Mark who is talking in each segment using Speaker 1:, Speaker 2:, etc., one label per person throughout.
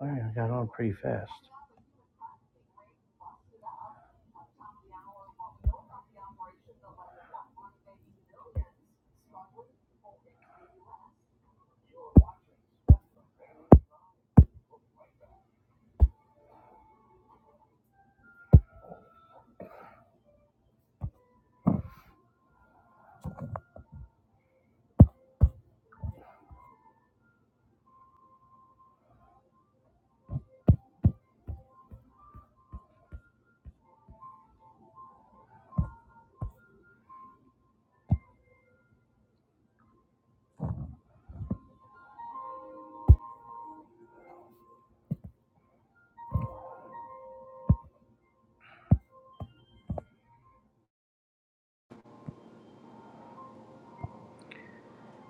Speaker 1: Well, I got on pretty fast.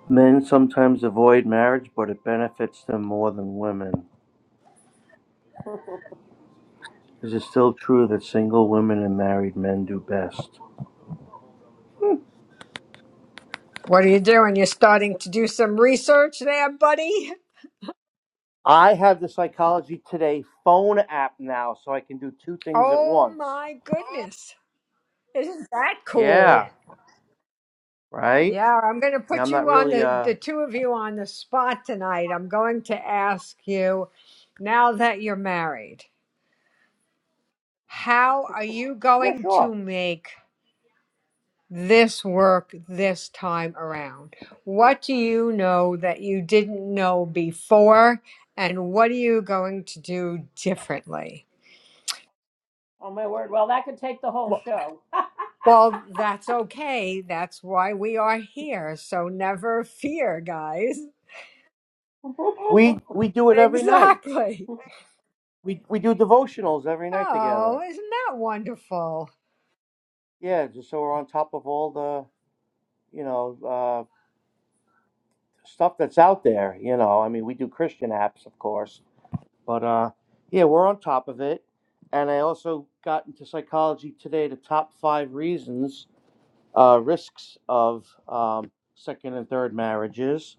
Speaker 1: Men sometimes avoid marriage, but it benefits them more than women. Is it still true that single women and married men do best?
Speaker 2: What are you doing? You're starting to do some research there, buddy?
Speaker 1: I have the Psychology Today phone app now, so I can do two things at
Speaker 2: Oh
Speaker 1: once.
Speaker 2: my goodness. Isn't that
Speaker 1: Yeah,
Speaker 2: cool?
Speaker 1: right.
Speaker 2: Yeah, I'm going to
Speaker 1: Yeah, I'm
Speaker 2: put
Speaker 1: not
Speaker 2: you on
Speaker 1: really.
Speaker 2: the,
Speaker 1: Uh,
Speaker 2: the two of you on the spot tonight. I'm going to ask you now that you're married, how are you
Speaker 1: yeah,
Speaker 2: going
Speaker 1: sure.
Speaker 2: to make this work this time around? What do you know that you didn't know before? And what are you going to do differently? Well, that's okay. That's why we are here. So never fear, guys.
Speaker 1: We we do it every night.
Speaker 2: Exactly.
Speaker 1: We we do devotionals every night
Speaker 2: Oh,
Speaker 1: together.
Speaker 2: isn't that wonderful?
Speaker 1: Yeah, just so we're on top of all the you know uh. stuff that's out there. You know, I mean, we do Christian apps, of course, but uh, yeah, we're on top of it. And I also got into psychology today. The top five reasons, uh, risks of um, second and third marriages,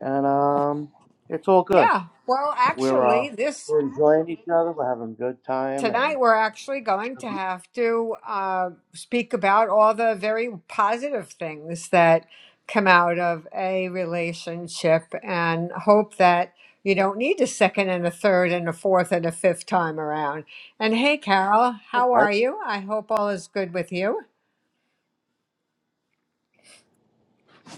Speaker 1: and um, it's all good.
Speaker 2: Yeah. Well,
Speaker 1: We're uh,
Speaker 2: actually, this
Speaker 1: we're enjoying each other. We're having a good time, and
Speaker 2: Tonight, we're actually going to have to uh, speak about all the very positive things that come out of a relationship and hope that you don't need a second and a third and a fourth and a fifth time around. And hey, Carol, how
Speaker 1: right.
Speaker 2: are you? I hope all is good with you.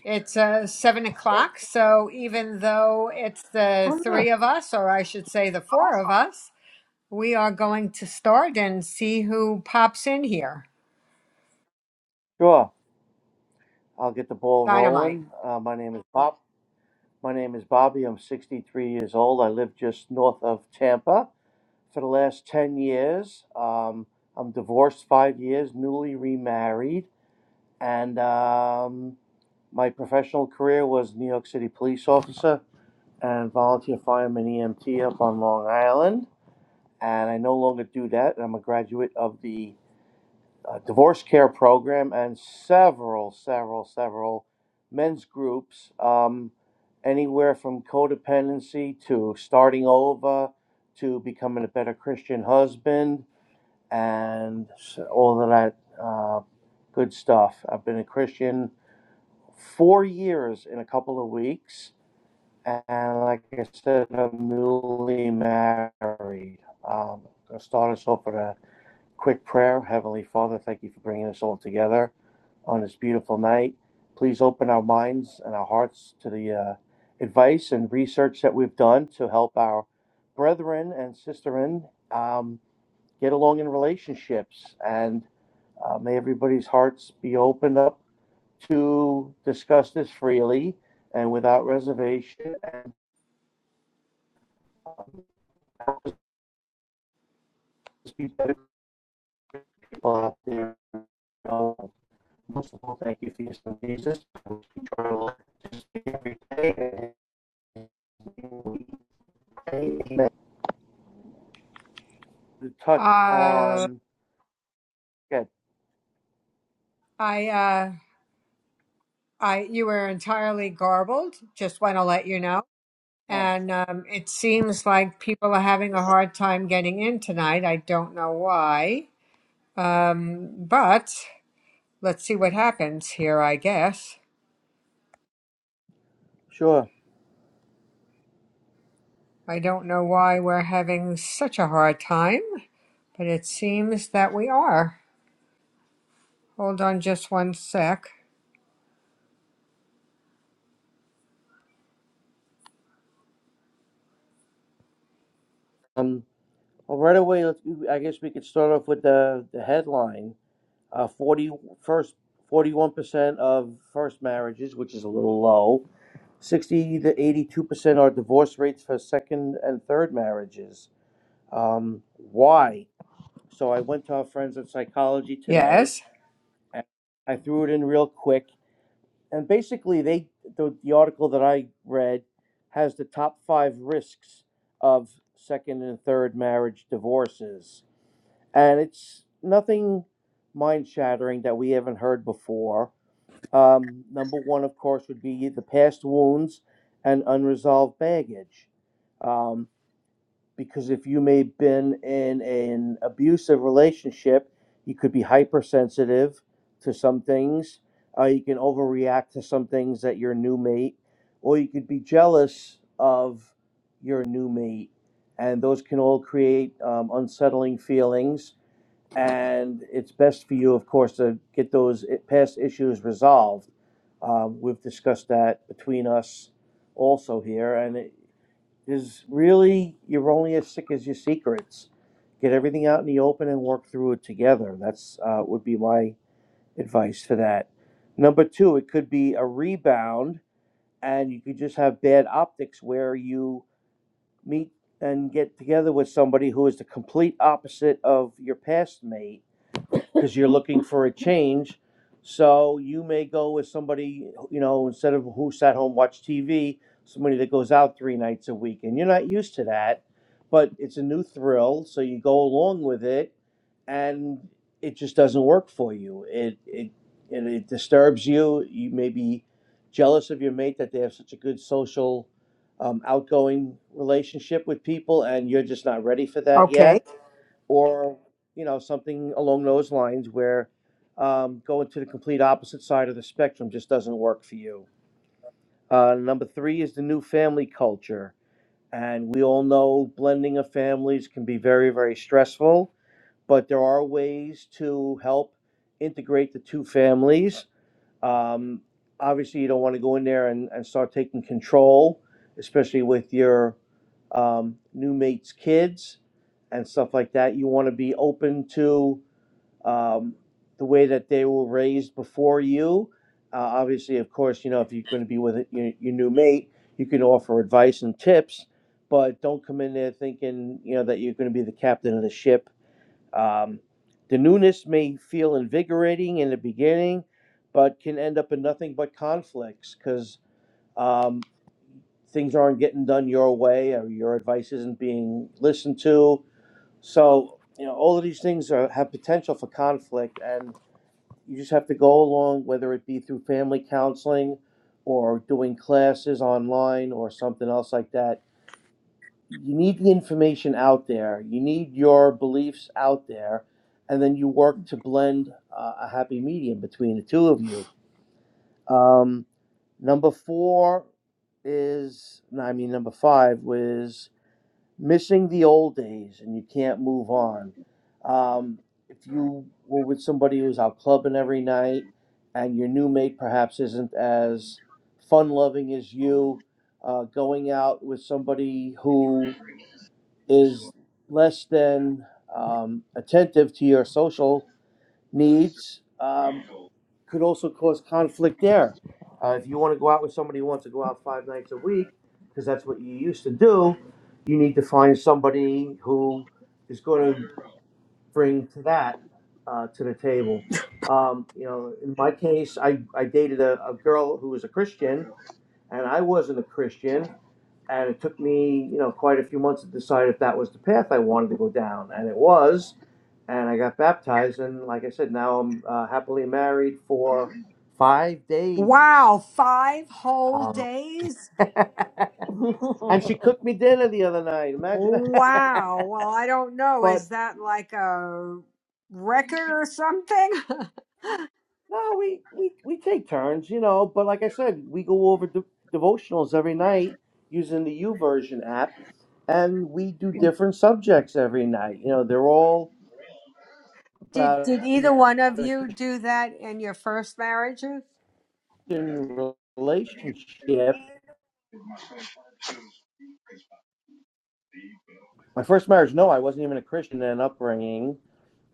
Speaker 2: It's uh, seven o'clock, so even though it's the
Speaker 1: Oh yeah.
Speaker 2: three of us, or I should say the four of us, we are going to start and see who pops in here.
Speaker 1: Sure. I'll get the ball
Speaker 2: Dynamite.
Speaker 1: rolling. Uh, my name is Bob. My name is Bobby. I'm 63 years old. I live just north of Tampa. for the last 10 years. Um, I'm divorced five years, newly remarried, and um, my professional career was New York City police officer and volunteer fireman EMT up on Long Island. And I no longer do that. I'm a graduate of the uh, divorce care program and several, several, several men's groups, um, anywhere from codependency to starting over to becoming a better Christian husband and all of that uh, good stuff. I've been a Christian four years in a couple of weeks, and like I said, I'm newly married. Um, I'll start us off with a quick prayer. Heavenly Father, thank you for bringing us all together on this beautiful night. Please open our minds and our hearts to the uh, advice and research that we've done to help our brethren and sisterin um, get along in relationships and uh, may everybody's hearts be opened up to discuss this freely and without reservation. And be better people out there. Uh, most of all, thank you for your son Jesus. We try to live this be every day and To touch
Speaker 2: Uh,
Speaker 1: on, yeah,
Speaker 2: I, uh, I, you were entirely garbled. Just want to let you know.
Speaker 1: oh,
Speaker 2: And um, it seems like people are having a hard time getting in tonight. I don't know why. Um, but let's see what happens here, I guess.
Speaker 1: sure.
Speaker 2: I don't know why we're having such a hard time, but it seems that we are. Hold on just one sec.
Speaker 1: Um, well, right away, let's, I guess we could start off with the, the headline. Uh, 40 41% of first marriages, which is a little low, 60 to 82% are divorce rates for second and third marriages. Um, why? So I went to our friends in psychology today
Speaker 2: Yes.
Speaker 1: and I threw it in real quick. And basically, they the, the article that I read has the top five risks of second and third marriage divorces. And it's nothing mind shattering that we haven't heard before um, number one, of course, would be the past wounds and unresolved baggage. Um, because if you may have been in an abusive relationship, you could be hypersensitive to some things. Uh, you can overreact to some things that your new mate, or you could be jealous of your new mate. And those can all create um, unsettling feelings and it's best for you, of course, to get those past issues resolved. Um, we've discussed that between us also here, and it is really you're only as sick as your secrets. Get everything out in the open and work through it together. That's uh, would be my advice for that. Number two, it could be a rebound, and you could just have bad optics where you meet and get together with somebody who is the complete opposite of your past mate because you're looking for a change. So you may go with somebody, you know, instead of who sat home watch TV, somebody that goes out three nights a week, and you're not used to that, but it's a new thrill, so you go along with it, and it just doesn't work for you. It it and it disturbs you. You may be jealous of your mate that they have such a good social, um, outgoing relationship with people, and you're just not ready for that
Speaker 2: Okay.
Speaker 1: yet or you know something along those lines where um, going to the complete opposite side of the spectrum just doesn't work for you. Uh, number three is the new family culture, and we all know blending of families can be very very stressful, but there are ways to help integrate the two families um, obviously, you don't want to go in there and, and start taking control, especially with your um, new mate's kids and stuff like that. You want to be open to um, the way that they were raised before you. Uh, obviously, of course, you know, if you're going to be with your, your new mate, you can offer advice and tips, but don't come in there thinking, you know, that you're going to be the captain of the ship um, the newness may feel invigorating in the beginning, but can end up in nothing but conflicts because um, things aren't getting done your way or your advice isn't being listened to. So, you know, all of these things are, have potential for conflict, and you just have to go along, whether it be through family counseling or doing classes online or something else like that you need the information out there, you need your beliefs out there, and then you work to blend uh, a happy medium between the two of you. Um, number four is, no, I mean, number five was missing the old days and you can't move on. Um, if you were with somebody who's out clubbing every night and your new mate perhaps isn't as fun loving as you, uh, going out with somebody who is less than um, attentive to your social needs um, could also cause conflict there. Uh, if you want to go out with somebody who wants to go out five nights a week, because that's what you used to do, you need to find somebody who is going to bring to that uh, to the table. Um, you know, in my case, I, I dated a, a girl who was a Christian, and I wasn't a Christian, and it took me you know quite a few months to decide if that was the path I wanted to go down, and it was, and I got baptized, and like I said, now I'm uh, happily married for five days.
Speaker 2: Wow, five whole
Speaker 1: Um,
Speaker 2: days?
Speaker 1: and she cooked me dinner the other night. Imagine that.
Speaker 2: Wow. Well, I don't know.
Speaker 1: but
Speaker 2: Is that like a record or something?
Speaker 1: no, we, we we take turns, you know. But like I said, we go over de- devotionals every night using the U version app, and we do different subjects every night. You know, they're all
Speaker 2: Did
Speaker 1: about
Speaker 2: did
Speaker 1: you
Speaker 2: either
Speaker 1: know
Speaker 2: one of you do that in your first marriages?
Speaker 1: relationship. My first marriage, no, I wasn't even a Christian in upbringing.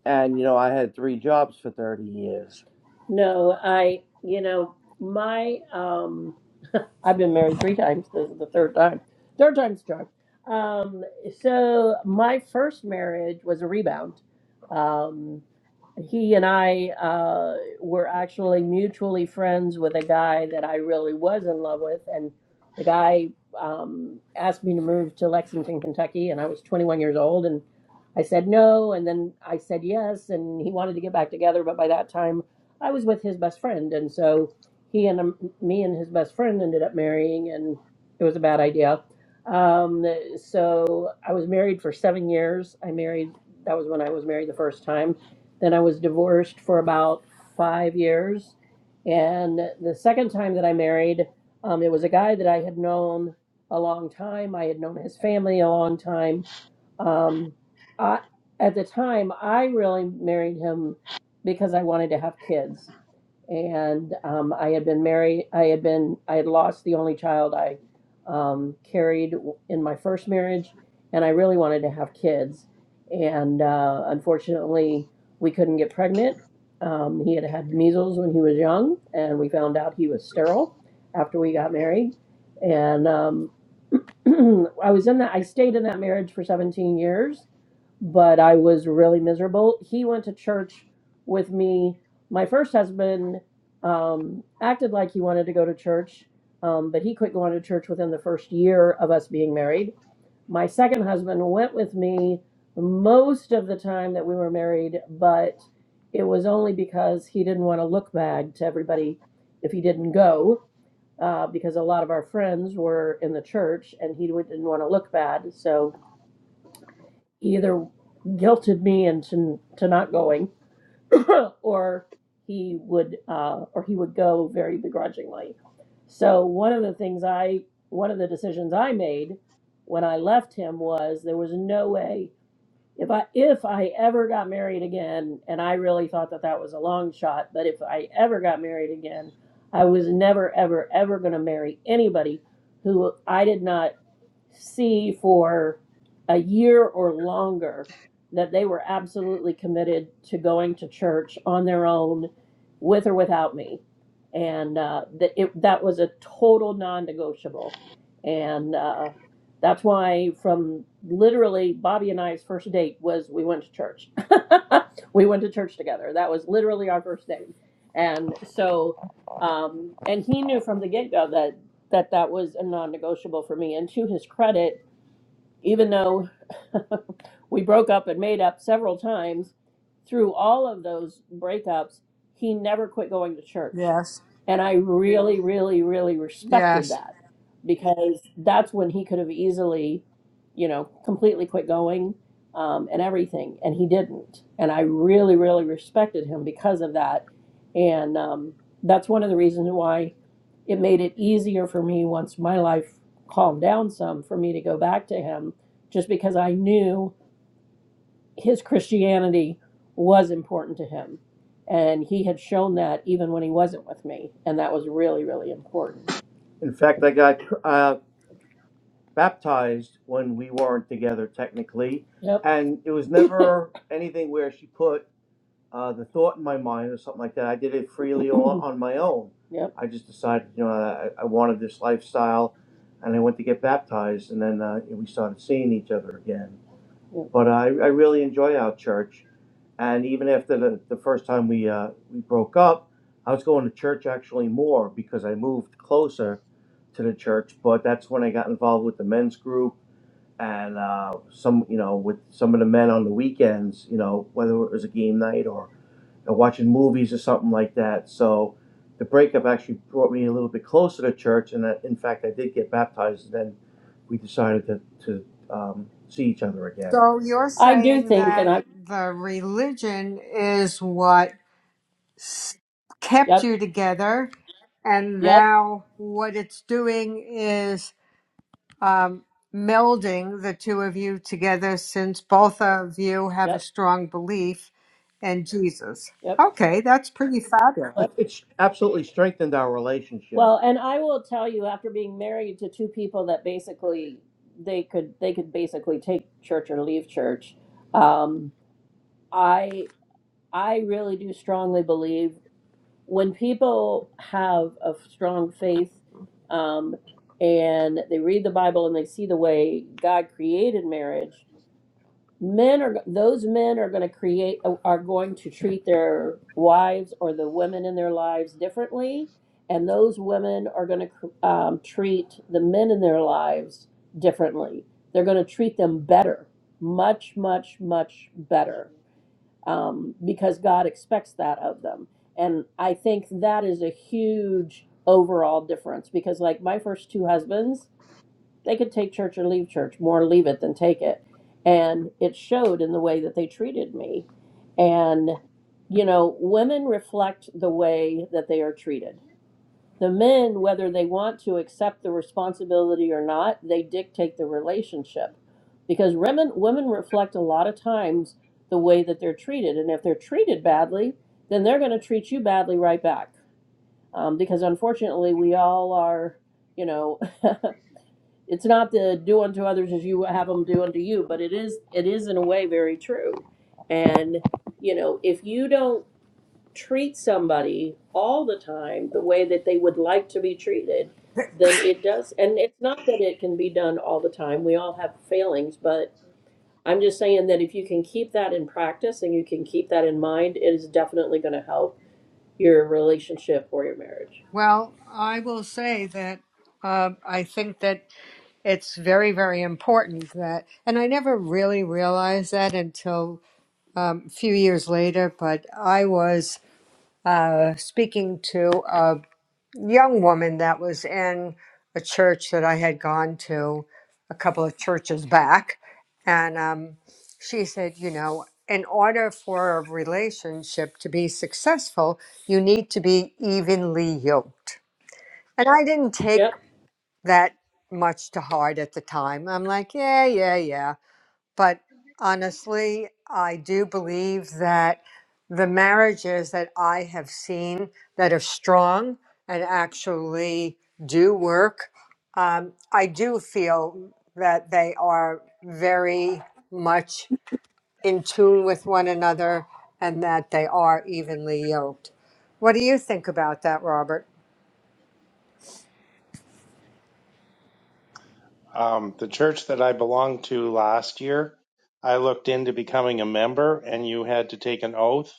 Speaker 1: And, you know, I had three jobs for 30 years. No, I, you know, my, um, I've been married three times. This is the third time. Third time's a charm. Um, so my first marriage was a rebound. Um, he and I uh, were actually mutually friends with a guy that I really was in love with, and the guy um, asked me to move to Lexington, Kentucky, and I was 21 years old, and. I said no, and then I said yes, and he wanted to get back together, but by that time I was with his best friend, and so he and um, me and his best friend ended up marrying, and it was a bad idea. Um, so I was married for seven years. I married that was when I was married the first time. Then I was divorced for about five years, and the second time that I married, um, it was a guy that I had known a long time. I had known his family a long time. Um, I, at the time, I really married him because I wanted to have kids. And um, I had been married, I had been, I had lost the only child I um, carried in my first marriage. And I really wanted to have kids. And uh, unfortunately, we couldn't get pregnant. Um, he had had measles when he was young, and we found out he was sterile after we got married. And um, I was in that, I stayed in that marriage for 17 years but I was really miserable. He went to church with me. My first husband um, acted like he wanted to go to church, um, but he quit going to church within the first year of us being married. My second husband went with me most of the time that we were married, but it was only because he didn't want to look bad to everybody if he didn't go, uh, because a lot of our friends were in the church and he didn't want to look bad. So he either guilted me into to not going, or he would uh, or he would go very begrudgingly. So one of the things I one of the decisions I made when I left him was there was no way if I if I ever got married again, and I really thought that that was a long shot, but if I ever got married again, I was never ever ever going to marry anybody who I did not see for a year or longer that they were absolutely committed to going to church on their own, with or without me, and uh, that it that was a total non-negotiable, and uh, that's why from literally Bobby and I's first date was we went to church. we went to church together. That was literally our first date. And so um and he knew from the get-go that that that was a non-negotiable for me and to his credit even though we broke up and made up several times, through all of those breakups, he never quit going to church.
Speaker 2: Yes.
Speaker 1: And I really, really, really respected
Speaker 2: Yes.
Speaker 1: that because that's when he could have easily, you know, completely quit going um, and everything. And he didn't. And I really, really respected him because of that. And um, that's one of the reasons why it made it easier for me once my life calmed down some for me to go back to him just because I knew his Christianity was important to him. And he had shown that even when he wasn't with me. And that was really, really important. In fact, I got uh, baptized when we weren't together technically, Yep. and it was never anything where she put uh, the thought in my mind or something like that. I did it freely all on my own. Yep. I just decided, you know, I, I wanted this lifestyle, and I went to get baptized, and then uh, we started seeing each other again. Yep. But I, I really enjoy our church, and even after the, the first time we uh, we broke up, I was going to church actually more because I moved closer to the church. But that's when I got involved with the men's group and uh, some, you know, with some of the men on the weekends, you know, whether it was a game night or or watching movies or something like that. So the breakup actually brought me a little bit closer to church, and I, in fact, I did get baptized. And then we decided to to um, see each other again.
Speaker 2: So you're
Speaker 1: I do
Speaker 2: saying
Speaker 1: think, and
Speaker 2: that
Speaker 1: I,
Speaker 2: the religion is what s- kept
Speaker 1: yep,
Speaker 2: you together and
Speaker 1: yep,
Speaker 2: now what it's doing is. um, melding the two of you together since both of you have a
Speaker 1: yep,
Speaker 2: strong belief in Jesus.
Speaker 1: yep.
Speaker 2: Okay, that's pretty fabulous.
Speaker 1: Like it's absolutely strengthened our relationship. Well, and I will tell you, after being married to two people that basically they could they could basically take church or leave church, um, I I really do strongly believe. when people have a strong faith um, and they read the Bible and they see the way God created marriage, men are those men are going to create are going to treat their wives or the women in their lives differently, and those women are going to um, treat the men in their lives differently. They're going to treat them better, much, much, much better um, because God expects that of them. And I think that is a huge overall difference because, like, my first two husbands, they could take church or leave church, more leave it than take it. And it showed in the way that they treated me. And, you know, women reflect the way that they are treated the men, whether they want to accept the responsibility or not, they dictate the relationship. Because women, women reflect a lot of times the way that they're treated. And if they're treated badly, then they're going to treat you badly right back. Um, because unfortunately, we all are, you know, it's not the do unto others as you have them do unto you, but it is, it is in a way very true. And, you know, if you don't treat somebody all the time the way that they would like to be treated, then it does. And it's not that it can be done all the time. We all have failings, but I'm just saying that if you can keep that in practice and you can keep that in mind, it is definitely going to help your relationship or your marriage.
Speaker 2: Well, I will say that um, I think that it's very, very important that, and I never really realized that until um, a few years later, but I was uh, speaking to a. young woman that was in a church that I had gone to a couple of churches back. And um, she said, you know, in order for a relationship to be successful, you need to be evenly yoked. And I didn't take
Speaker 1: Yep.
Speaker 2: that much to heart at the time. I'm like, yeah, yeah, yeah. But honestly, I do believe that the marriages that I have seen that are strong and actually do work, um, I do feel that they are very much in tune with one another and that they are evenly yoked. What do you think about that, Robert?
Speaker 3: Um, the church that I belonged to last year, I looked into becoming a member, and you had to take an oath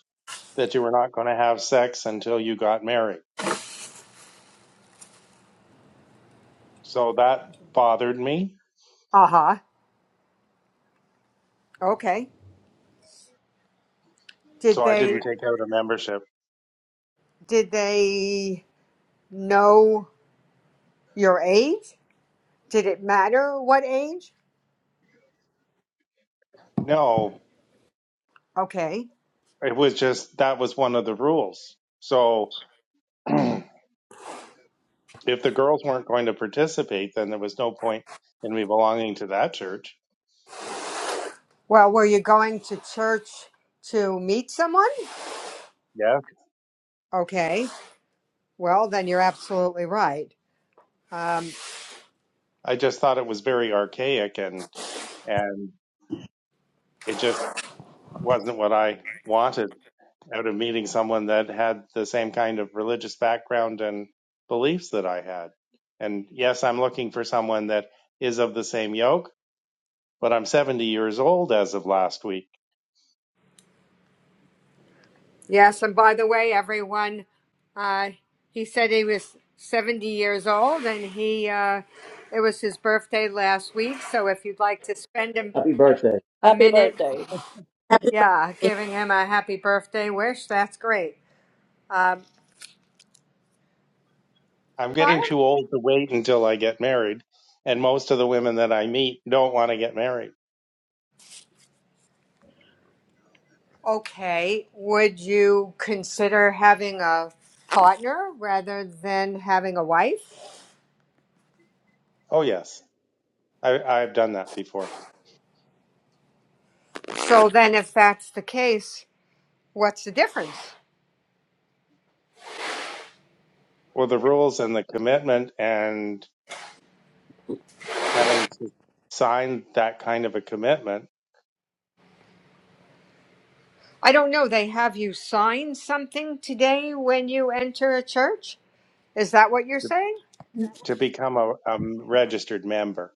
Speaker 3: that you were not going to have sex until you got married. So that bothered me.
Speaker 2: Uh huh. Okay. Did
Speaker 3: So I
Speaker 2: they
Speaker 3: didn't take out a membership.
Speaker 2: did they know your age? Did it matter what age?
Speaker 3: No,
Speaker 2: Okay.
Speaker 3: it was just that was one of the rules. So if the girls weren't going to participate, then there was no point in me belonging to that church.
Speaker 2: Well, were you going to church to meet someone?
Speaker 3: Yeah.
Speaker 2: Okay. Well, then you're absolutely right. Um,
Speaker 3: I just thought it was very archaic and and it just wasn't what I wanted. out of meeting someone that had the same kind of religious background and beliefs that I had. And yes, I'm looking for someone that is of the same yoke, but I'm 70 years old as of last week.
Speaker 2: yes, and by the way, everyone, uh, he said he was 70 years old and he uh, it was his birthday last week. So if you'd like to spend him
Speaker 1: Happy birthday.
Speaker 2: a
Speaker 1: Happy
Speaker 2: minute,
Speaker 1: birthday.
Speaker 4: Happy
Speaker 2: yeah,
Speaker 4: birthday.
Speaker 2: giving him a happy birthday wish, that's great. Um,
Speaker 3: I'm
Speaker 2: but
Speaker 3: getting too old to wait until I get married. And most of the women that I meet don't want to get married.
Speaker 2: Okay, would you consider having a partner rather than having a wife?
Speaker 3: Oh, yes, I, I've done that before.
Speaker 2: So then, if that's the case, what's the difference?
Speaker 3: Well, the rules and the commitment and having to sign that kind of a commitment
Speaker 2: I don't know. They have you sign something today when you enter a church? Is that what you're
Speaker 3: to
Speaker 2: saying?
Speaker 3: to become a, a registered member.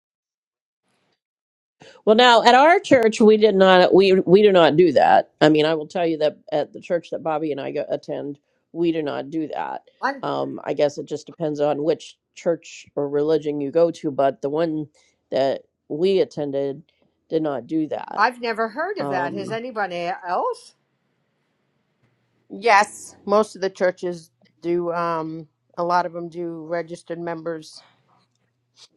Speaker 1: Well, now at our church, we did not we we do not do that. I mean, I will tell you that at the church that Bobby and I go, attend, we do not do that.
Speaker 2: I'm,
Speaker 1: Um, I guess it just depends on which church or religion you go to, but the one that we attended did not do that.
Speaker 2: I've never heard of that. Has
Speaker 1: Um,
Speaker 2: anybody else?
Speaker 4: Yes, most of the churches do. Um, a lot of them do registered members,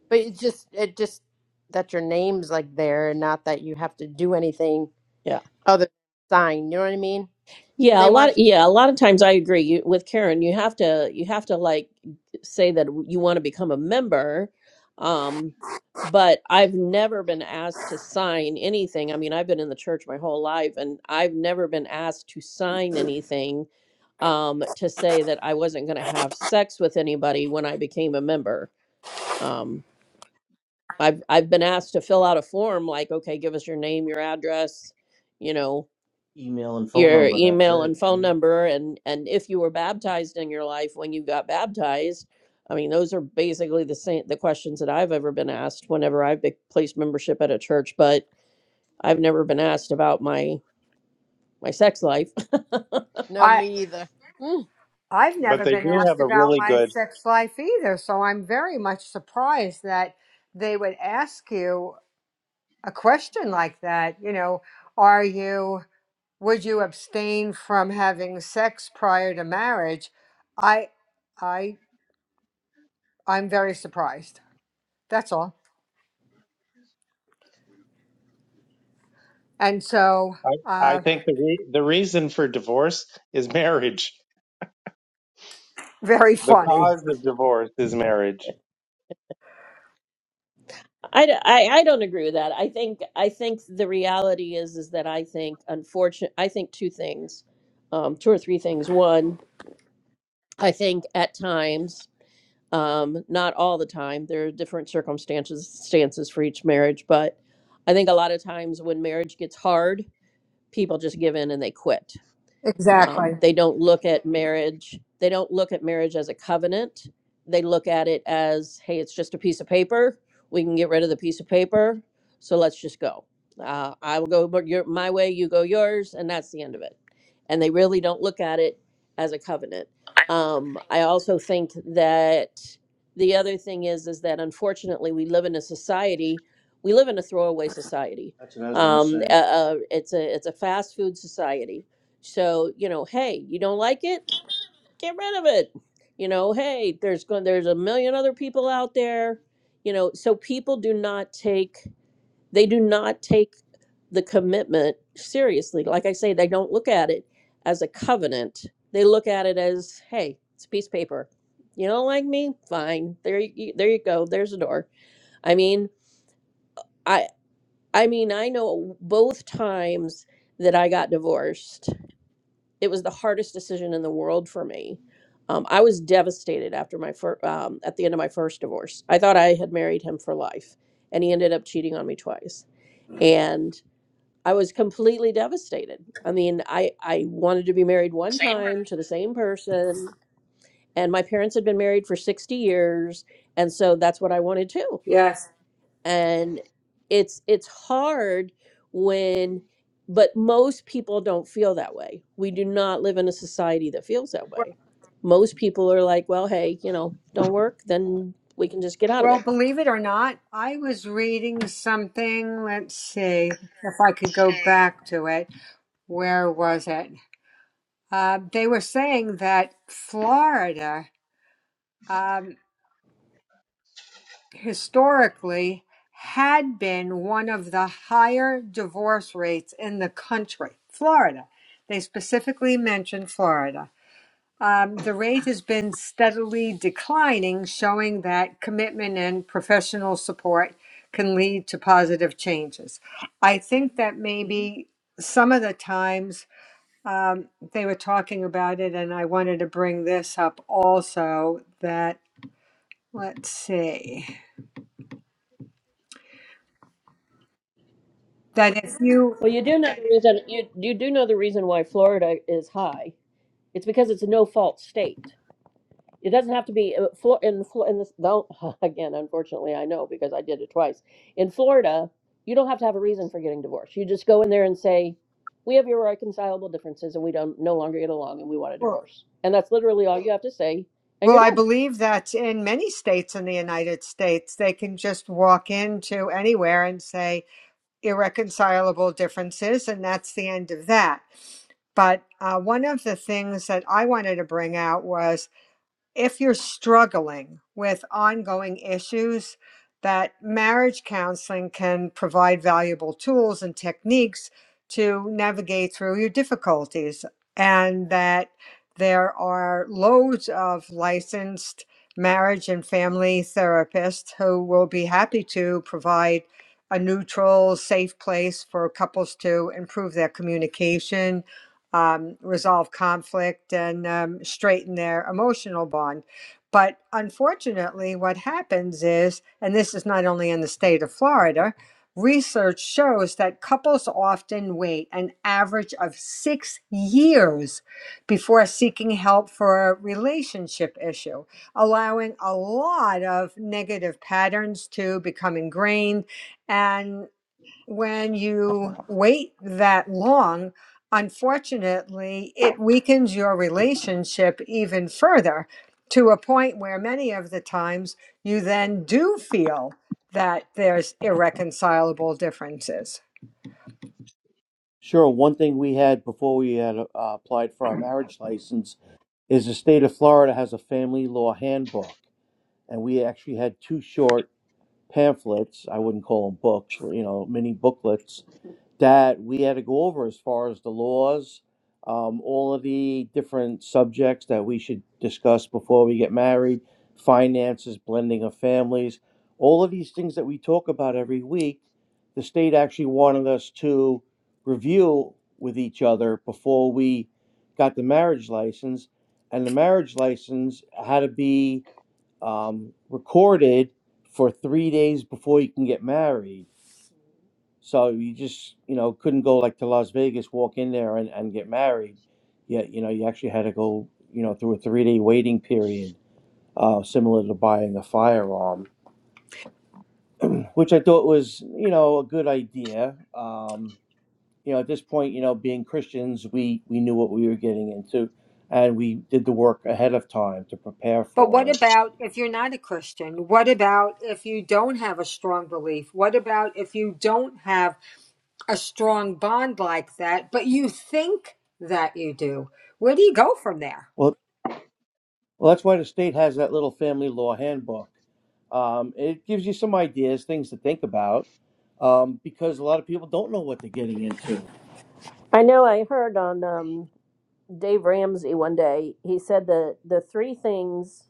Speaker 4: but it's just it just that your name's like there, and not that you have to do anything
Speaker 1: yeah.
Speaker 4: other than sign. You know what I mean?
Speaker 1: Yeah,
Speaker 4: They
Speaker 1: a
Speaker 4: want
Speaker 1: lot yeah, a lot of times I agree you, with Karen. You have to you have to like say that you want to become a member. Um but I've never been asked to sign anything. I mean, I've been in the church my whole life and I've never been asked to sign anything um to say that I wasn't going to have sex with anybody when I became a member. um, I've I've been asked to fill out a form like, okay, give us your name, your address, you know, Email and phone your number. That's email it. and phone Yeah. number and and if you were baptized in your life when you got baptized. I mean, those are basically the same the questions that I've ever been asked whenever I've be- placed membership at a church, but I've never been asked about my my sex life.
Speaker 4: you. No,
Speaker 2: I
Speaker 4: me either.
Speaker 2: I've
Speaker 3: But
Speaker 2: never
Speaker 3: they
Speaker 2: been
Speaker 3: do
Speaker 2: asked
Speaker 3: have a
Speaker 2: about
Speaker 3: really
Speaker 2: my
Speaker 3: good.
Speaker 2: sex life either, so I'm very much surprised that they would ask you a question like that. You know, are you, would you abstain from having sex prior to marriage? I, I, I'm very surprised. That's all. And so,
Speaker 3: I, I
Speaker 2: uh,
Speaker 3: think the re, the reason for divorce is marriage.
Speaker 2: very
Speaker 3: The
Speaker 2: funny.
Speaker 3: cause of divorce is marriage.
Speaker 1: I, d- I, I don't agree with that. I think I think the reality is is that I think unfortunate I think two things, um, two or three things. One, I think at times, um, not all the time, there are different circumstances stances for each marriage, but I think a lot of times when marriage gets hard, people just give in and they quit um,
Speaker 2: Exactly.
Speaker 1: they don't look at marriage. They don't look at marriage as a covenant. They look at it as, hey, it's just a piece of paper. We can get rid of the piece of paper. So let's just go. Uh, I will go but your, my way, you go yours, and that's the end of it. And they really don't look at it as a covenant. Um, I also think that the other thing is, is that unfortunately we live in a society. We live in a throwaway society. That's what I was going to Um, uh, say. uh, uh, it's a it's a fast food society so, you know, hey, you don't like it? Get rid of it. You know, hey, there's going there's a million other people out there. You know, so people do not take they do not take the commitment seriously. Like I say, they don't look at it as a covenant. They look at it as, hey, it's a piece of paper. You don't like me? Fine. There you there you go. There's a door. I mean, I I mean, I know both times that I got divorced it was the hardest decision in the world for me. Um, I was devastated after my fir- um, at the end of my first divorce. I thought I had married him for life, and he ended up cheating on me twice. And I was completely devastated. I mean, I I wanted to be married one time to the same person, and my parents had been married for sixty years, and so that's what I wanted too
Speaker 2: Yes.
Speaker 1: and it's it's hard when but most people don't feel that way we do not live in a society that feels that
Speaker 2: Well,
Speaker 1: way most people are like well hey you know don't work then we can just get out of
Speaker 2: well,
Speaker 1: it
Speaker 2: believe it or not, I was reading something. Let's see if I could go back to it. Where was it? Uh, they were saying that Florida. um, historically had been one of the higher divorce rates in the country, Florida. They specifically mentioned Florida. Um, the rate has been steadily declining, showing that commitment and professional support can lead to positive changes. I think that
Speaker 1: Mhm.
Speaker 2: maybe some of the times um, they were talking about it, and I wanted to bring this up also that, let's see, that if you
Speaker 1: well you do know the reason you, you do know the reason why florida is high it's because it's a no fault state It doesn't have to be uh, Flo- in Flo- in this though again unfortunately I know because I did it twice. In Florida, you don't have to have a reason for getting divorced. You just go in there and say, "We have irreconcilable differences and we don't no longer get along and we want a
Speaker 2: Well,
Speaker 1: divorce." And that's literally all you have to say and
Speaker 2: well,
Speaker 1: you're
Speaker 2: I
Speaker 1: done.
Speaker 2: believe that in many states in the United States, they can just walk into anywhere and say irreconcilable differences, and that's the end of that. But uh, one of the things that I wanted to bring out was if you're struggling with ongoing issues, that marriage counseling can provide valuable tools and techniques to navigate through your difficulties, and that there are loads of licensed marriage and family therapists who will be happy to provide a neutral, safe place for couples to improve their communication um, resolve conflict and um, straighten their emotional bond. But unfortunately, what happens is, and this is not only in the state of Florida, research shows that couples often wait an average of six years before seeking help for a relationship issue, allowing a lot of negative patterns to become ingrained. and when you wait that long, unfortunately, it weakens your relationship even further to a point where many of the times you then do feel that there's irreconcilable differences.
Speaker 1: Sure. One thing we had before we had uh, applied for our marriage license is the state of Florida has a family law handbook, and we actually had two short. pamphlets, I wouldn't call them books, you know, mini booklets that we had to go over as far as the laws, um, all of the different subjects that we should discuss before we get married, finances, blending of families, all of these things that we talk about every week. The state actually wanted us to review with each other before we got the marriage license, and the marriage license had to be um, recorded for three days before you can get married. So you just, you know, couldn't go like to Las Vegas, walk in there and, and get married. Yet, you know, you actually had to go, you know, through a three day waiting period, uh, similar to buying a firearm, which I thought was, you know, a good idea. Um, you know, at this point, you know, being Christians, we, we knew what we were getting into and we did the work ahead of time to prepare
Speaker 2: But what
Speaker 1: for it.
Speaker 2: about if you're not a Christian? What about if you don't have a strong belief? What about if you don't have a strong bond like that, but you think that you do? Where do you go from there?
Speaker 1: Well. Well, that's why the state has that little family law handbook. Um, it gives you some ideas, things to think about, um, because a lot of people don't know what they're getting into. I know I heard on um, Dave Ramsey one day, he said that the three things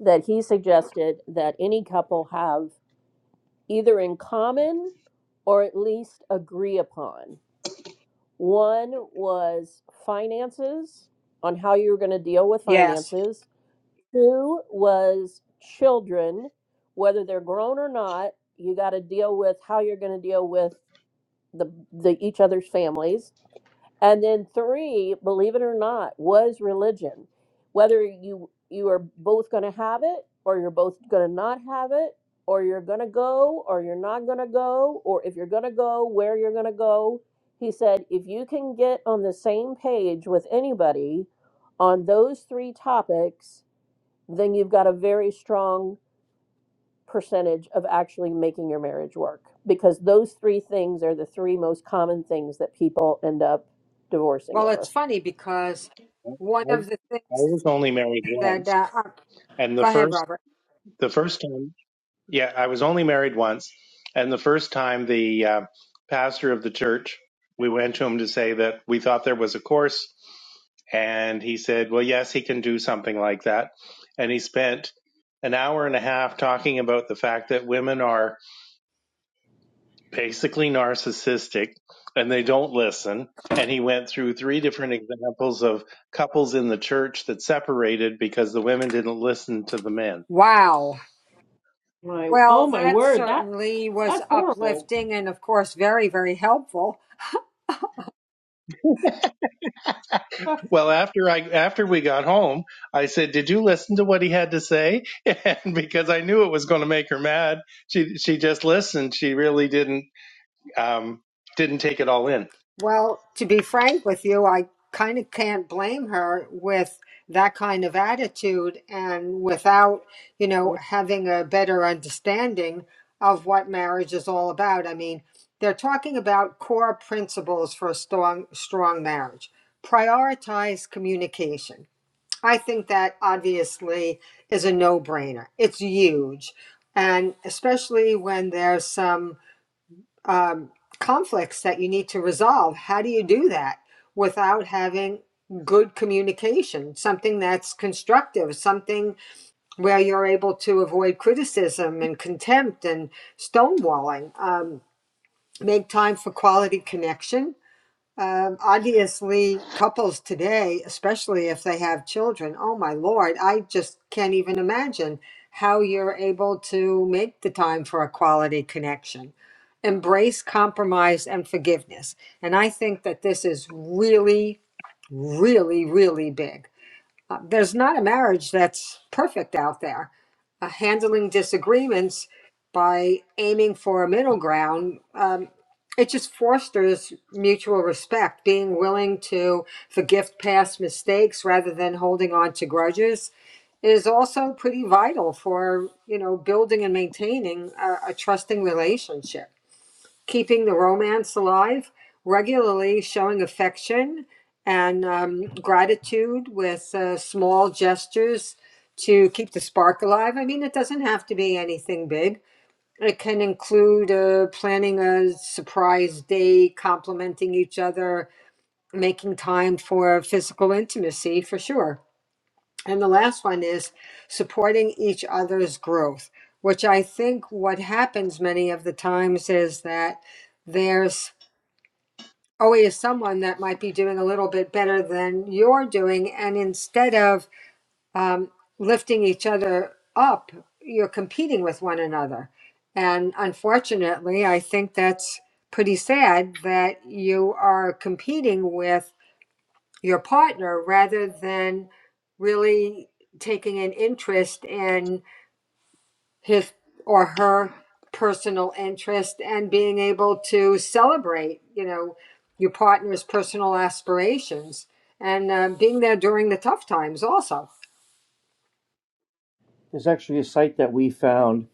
Speaker 1: that he suggested that any couple have either in common or at least agree upon. One was finances, on how you were going to deal with
Speaker 2: Yes.
Speaker 1: finances. Two was children, whether they're grown or not, you got to deal with how you're going to deal with the, the each other's families. And then three, believe it or not, was religion. Whether you you are both going to have it or you're both going to not have it or you're going to go or you're not going to go or if you're going to go, where you're going to go. He said if you can get on the same page with anybody on those three topics, then you've got a very strong percentage of actually making your marriage work because those three things are the three most common things that people end up divorcing
Speaker 2: Well, it's
Speaker 1: over.
Speaker 2: funny because
Speaker 3: I,
Speaker 2: one
Speaker 3: I
Speaker 2: of the
Speaker 3: I
Speaker 2: things
Speaker 3: was only married
Speaker 2: that
Speaker 3: once,
Speaker 2: uh, uh,
Speaker 3: and the
Speaker 2: go ahead,
Speaker 3: first
Speaker 2: Robert.
Speaker 3: the first time, yeah, I was only married once, and the first time the uh, pastor of the church, we went to him to say that we thought there was a course, and he said, "Well, yes, he can do something like that," and he spent an hour and a half talking about the fact that women are basically narcissistic and they don't listen. And he went through three different examples of couples in the church that separated because the women didn't listen to the men.
Speaker 2: Wow.
Speaker 1: My oh
Speaker 2: Well,
Speaker 1: my
Speaker 2: that
Speaker 1: word, that
Speaker 2: certainly was
Speaker 1: that's horrible.
Speaker 2: uplifting and, of course, very, very helpful.
Speaker 1: Huh.
Speaker 3: Well, after I after we got home, I said, "Did you listen to what he had to say?" And because I knew it was going to make her mad, she she just listened. She really didn't um, didn't take it all in.
Speaker 2: Well, to be frank with you, I kind of can't blame her with that kind of attitude and without, you know,
Speaker 1: Yeah.
Speaker 2: having a better understanding of what marriage is all about. I mean, they're talking about core principles for a strong strong marriage. Prioritize communication. I think that obviously is a no-brainer. It's huge. And especially when there's some um, conflicts that you need to resolve. How do you do that without having good communication, something that's constructive, something where you're able to avoid criticism and contempt and stonewalling? Um, make time for quality connection um, obviously, couples today, especially if they have children, oh my Lord, I just can't even imagine how you're able to make the time for a quality connection. Embrace compromise and forgiveness. And I think that this is really, really, really big. Uh, there's not a marriage that's perfect out there. Uh, handling disagreements by aiming for a middle ground um, it just fosters mutual respect, being willing to forgive past mistakes rather than holding on to grudges is also pretty vital for, you know, building and maintaining a, a trusting relationship. Keeping the romance alive, regularly showing affection and um, gratitude with uh, small gestures to keep the spark alive. I mean, it doesn't have to be anything big it can include uh, planning a surprise day, complimenting each other, making time for physical intimacy for sure. And the last one is supporting each other's growth, which I think what happens many of the times is that there's always someone that might be doing a little bit better than you're doing. And instead of um, lifting each other up. You're competing with one another. And unfortunately, I think that's pretty sad that you are competing with your partner rather than really taking an interest in his or her personal interest and being able to celebrate, you know, your partner's personal aspirations and uh, being there during the tough times also.
Speaker 1: There's actually a site that we found.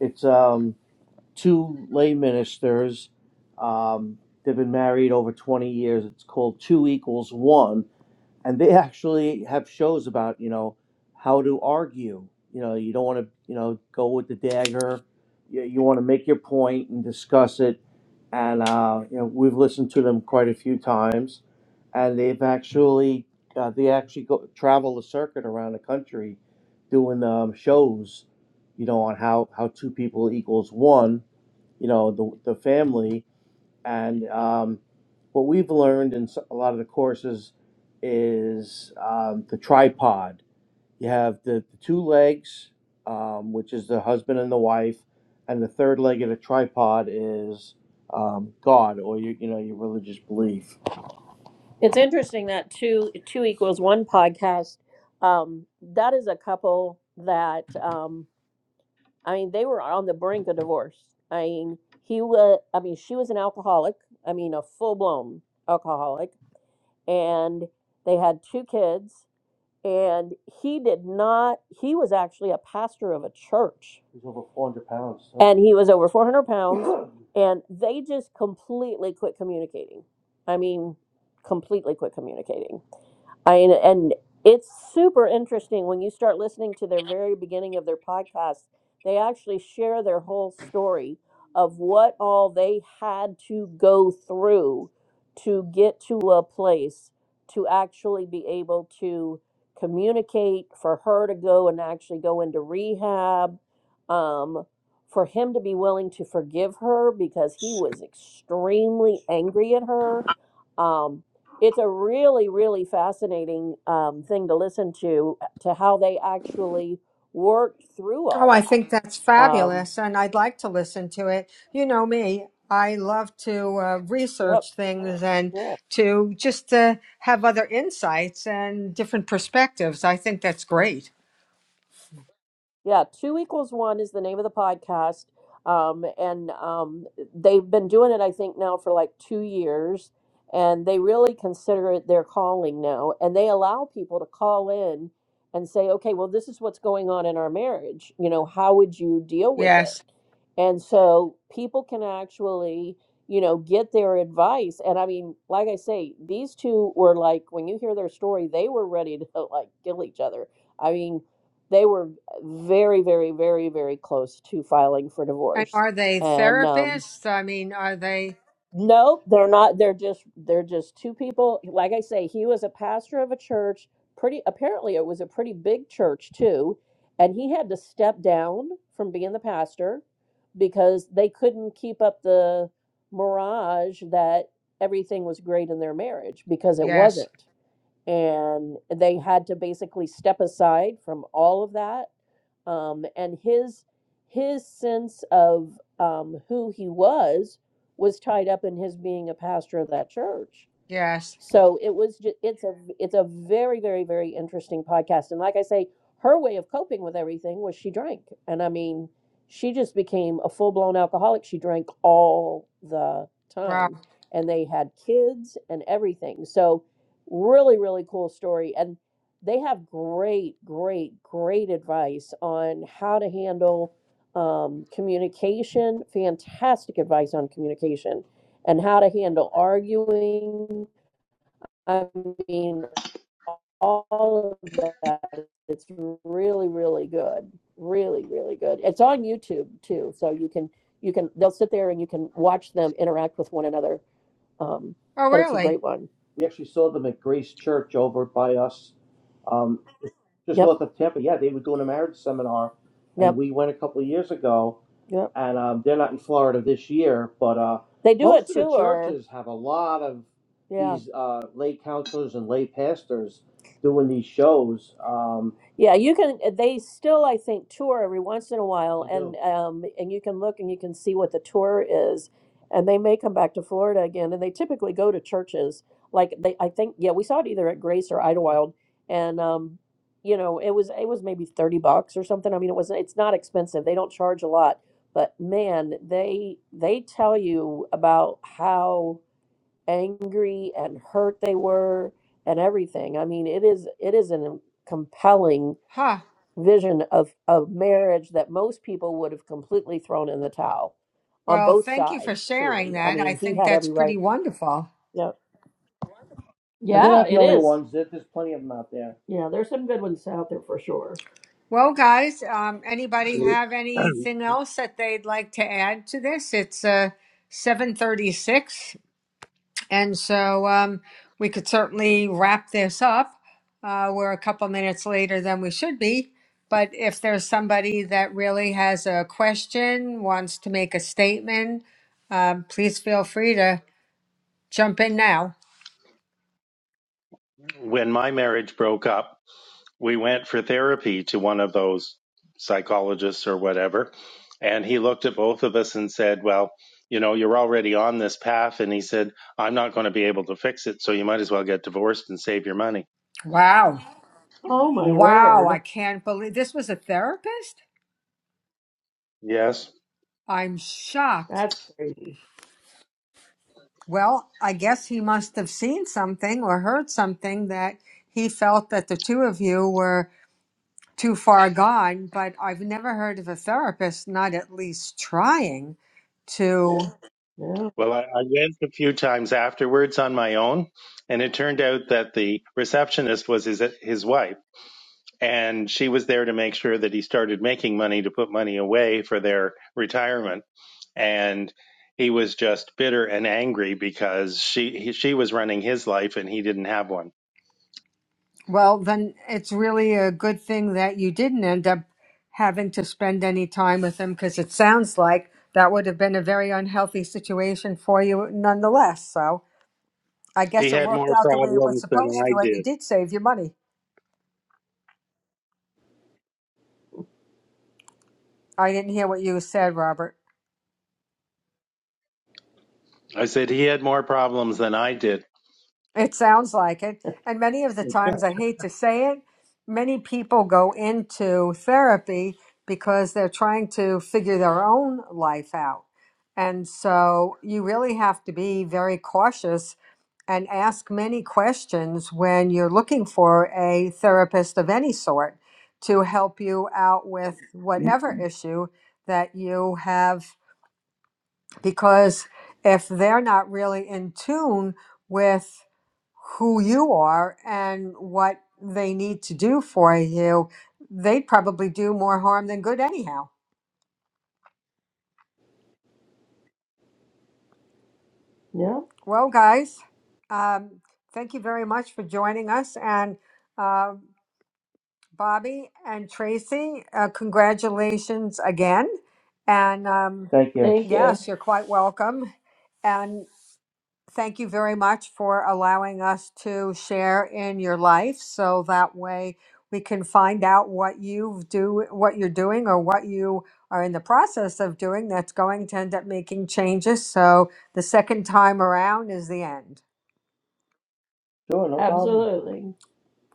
Speaker 1: It's um, two lay ministers. Um, they've been married over 20 years. It's called Two Equals One. and they actually have shows about you know how to argue you know you don't want to you know go with the dagger you, you want to make your point and discuss it and uh, you know we've listened to them quite a few times and they've actually uh, they actually go travel the circuit around the country doing um, shows you know on how how two people equals one you know the, the family and um, what we've learned in s- a lot of the courses is um, the tripod. You have the, the two legs, um, which is the husband and the wife, and the third leg of the tripod is um, God or your, you know your religious belief. It's interesting that two two equals one podcast. Um, that is a couple that. Um, I mean, they were on the brink of divorce. I mean, he was, I mean, she was an alcoholic. I mean, a full blown alcoholic. And they had two kids and he did not he was actually a pastor of a church He was over 400 pounds. so- and he was over 400 pounds and they just completely quit communicating i mean completely quit communicating i mean, and it's super interesting when you start listening to their very beginning of their podcast they actually share their whole story of what all they had to go through to get to a place to actually be able to communicate for her to go and actually go into rehab um, for him to be willing to forgive her because he was extremely angry at her um, it's a really really fascinating um, thing to listen to to how they actually worked through
Speaker 2: Oh,
Speaker 1: all
Speaker 2: I think that's
Speaker 1: that um,
Speaker 2: fabulous, and I'd like to listen to it. You know me, I love to uh,
Speaker 1: yep
Speaker 2: research things and
Speaker 1: yeah.
Speaker 2: to just uh, have other insights and different perspectives. I think that's great.
Speaker 1: Yeah, two equals one is the name of the podcast. Um, and um, they've been doing it, I think, now for like two years. And they really consider it their calling now. And they allow people to call in and say, okay, well, this is what's going on in our marriage. You know, how would you deal with it?
Speaker 2: Yes.
Speaker 1: And so people can actually, you know, get their advice. And I mean, like I say, these two were like, when you hear their story, they were ready to like kill each other. I mean, they were very, very, very, very close to filing for
Speaker 2: And
Speaker 1: divorce.
Speaker 2: are they
Speaker 1: And um,
Speaker 2: therapists? I mean, are they?
Speaker 1: no, they're not. They're just they're just two people. Like I say, he was a pastor of a church. Pretty apparently, it was a pretty big church too, and he had to step down from being the pastor because they couldn't keep up the mirage that everything was great in their marriage because it
Speaker 2: Yes.
Speaker 1: wasn't and they had to basically step aside from all of that um, and his his sense of um, who he was was tied up in his being a pastor of that church
Speaker 2: Yes.
Speaker 1: so it was just, it's a it's a very very very interesting podcast and like I say her way of coping with everything was she drank and I mean she just became a full-blown alcoholic she drank all the
Speaker 2: Wow.
Speaker 1: time and they had kids and everything. So really really cool story and they have great great great advice on how to handle um, communication fantastic advice on communication and how to handle arguing I mean, all of that. It's really, really good. Really, really good. It's on YouTube too, so you can you can they'll sit there and you can watch them interact with one another. Um,
Speaker 2: Oh,
Speaker 1: but it's a
Speaker 2: really?
Speaker 1: great one. We actually saw them at Grace Church over by us. Um, just Yep. north of Tampa. Yeah, they were doing a marriage seminar, and Yep. we went a couple of years ago. Yep. And um, they're not in Florida this year, but uh, They do a most of the tour. churches have a lot of Yeah. these uh, lay counselors and lay pastors doing these shows. Um, Yeah, you can. uh, They still, I think, tour every once in a while, they and do. um, and you can look and you can see what the tour is, and they may come back to Florida again, and they typically go to churches. Like they, I think, yeah, we saw it either at Grace or Idlewild, and um, you know it was it was maybe 30 bucks or something i mean it was it's not expensive they don't charge a lot but man they they tell you about how angry and hurt they were and everything i mean it is it is a compelling
Speaker 2: Huh.
Speaker 1: vision of of marriage that most people would have completely thrown in the towel on
Speaker 2: Well,
Speaker 1: both
Speaker 2: thank you for
Speaker 1: sides
Speaker 2: sharing
Speaker 1: truly i
Speaker 2: that. I
Speaker 1: mean he
Speaker 2: think
Speaker 1: had
Speaker 2: that's
Speaker 1: every
Speaker 2: pretty
Speaker 1: right
Speaker 2: wonderful.
Speaker 1: yeah But they're yeah not the it only is ones. There- There's plenty of them out there. yeah there's some good ones out there for sure
Speaker 2: Well, guys, um,
Speaker 3: So
Speaker 2: anybody have anything else that they'd like to add to this? It's uh, seven thirty-six, and so um, we could certainly wrap this up. Uh, we're a couple minutes later than we should be, but if there's somebody that really has a question, wants to make a statement, um, please feel free to jump in now.
Speaker 3: when my marriage broke up. we went for therapy to one of those psychologists or whatever. And he looked at both of us and said, Well, you know, you're already on this path. And he said, I'm not going to be able to fix it. So you might as well get divorced and save your money.
Speaker 2: Wow,
Speaker 1: oh my
Speaker 2: wow!
Speaker 1: word
Speaker 2: I can't believe this was a therapist.
Speaker 3: Yes.
Speaker 2: I'm shocked.
Speaker 1: That's crazy.
Speaker 2: Well, I guess he must have seen something or heard something that he felt that the two of you were too far gone, but I've never heard of a therapist not at least trying to. Yeah.
Speaker 1: Yeah.
Speaker 3: Well, I, I went a few times afterwards on my own. And it turned out that the receptionist was his, his wife. And she was there to make sure that he started making money to put money away for their retirement and he was just bitter and angry because she he, she was running his life and he didn't have one.
Speaker 2: Well, then it's really a good thing that you didn't end up having to spend any time with him because it sounds like that would have been a very unhealthy situation for you nonetheless. So I
Speaker 3: He
Speaker 2: guess it
Speaker 3: had
Speaker 2: worked
Speaker 3: more
Speaker 2: out the way it was
Speaker 3: problems than
Speaker 2: supposed
Speaker 3: I
Speaker 2: to, and you
Speaker 3: did.
Speaker 2: did save your money. I didn't hear what you said, Robert.
Speaker 3: I said he had more problems than I did.
Speaker 2: It sounds like it. And many of the times, I hate to say it, many people go into therapy because they're trying to figure their own life out. And so you really have to be very cautious and ask many questions when you're looking for a therapist of any sort to help you out with whatever issue that you have because if they're not really in tune with who you are and what they need to do for you, they'd probably do more harm than good anyhow.
Speaker 1: Yeah.
Speaker 2: Well, guys, um, thank you very much for joining us. And uh, Bobby and Tracy, uh, congratulations again. And um,
Speaker 1: Thank you. Thank you.
Speaker 2: yes, you're quite welcome. And thank you very much for allowing us to share in your life so that way we can find out what you do what you're doing or what you are in the process of doing that's going to end up making changes so the second time around is the end
Speaker 1: Sure, no problem. Absolutely.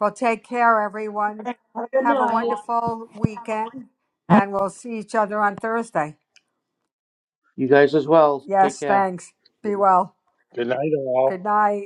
Speaker 2: well take care everyone
Speaker 1: Have a Good
Speaker 2: have a
Speaker 1: night.
Speaker 2: wonderful weekend and we'll see each other on thursday
Speaker 1: You guys as well. Take
Speaker 2: yes
Speaker 1: care.
Speaker 2: thanks be well
Speaker 3: Good night,
Speaker 2: good
Speaker 3: all.
Speaker 2: night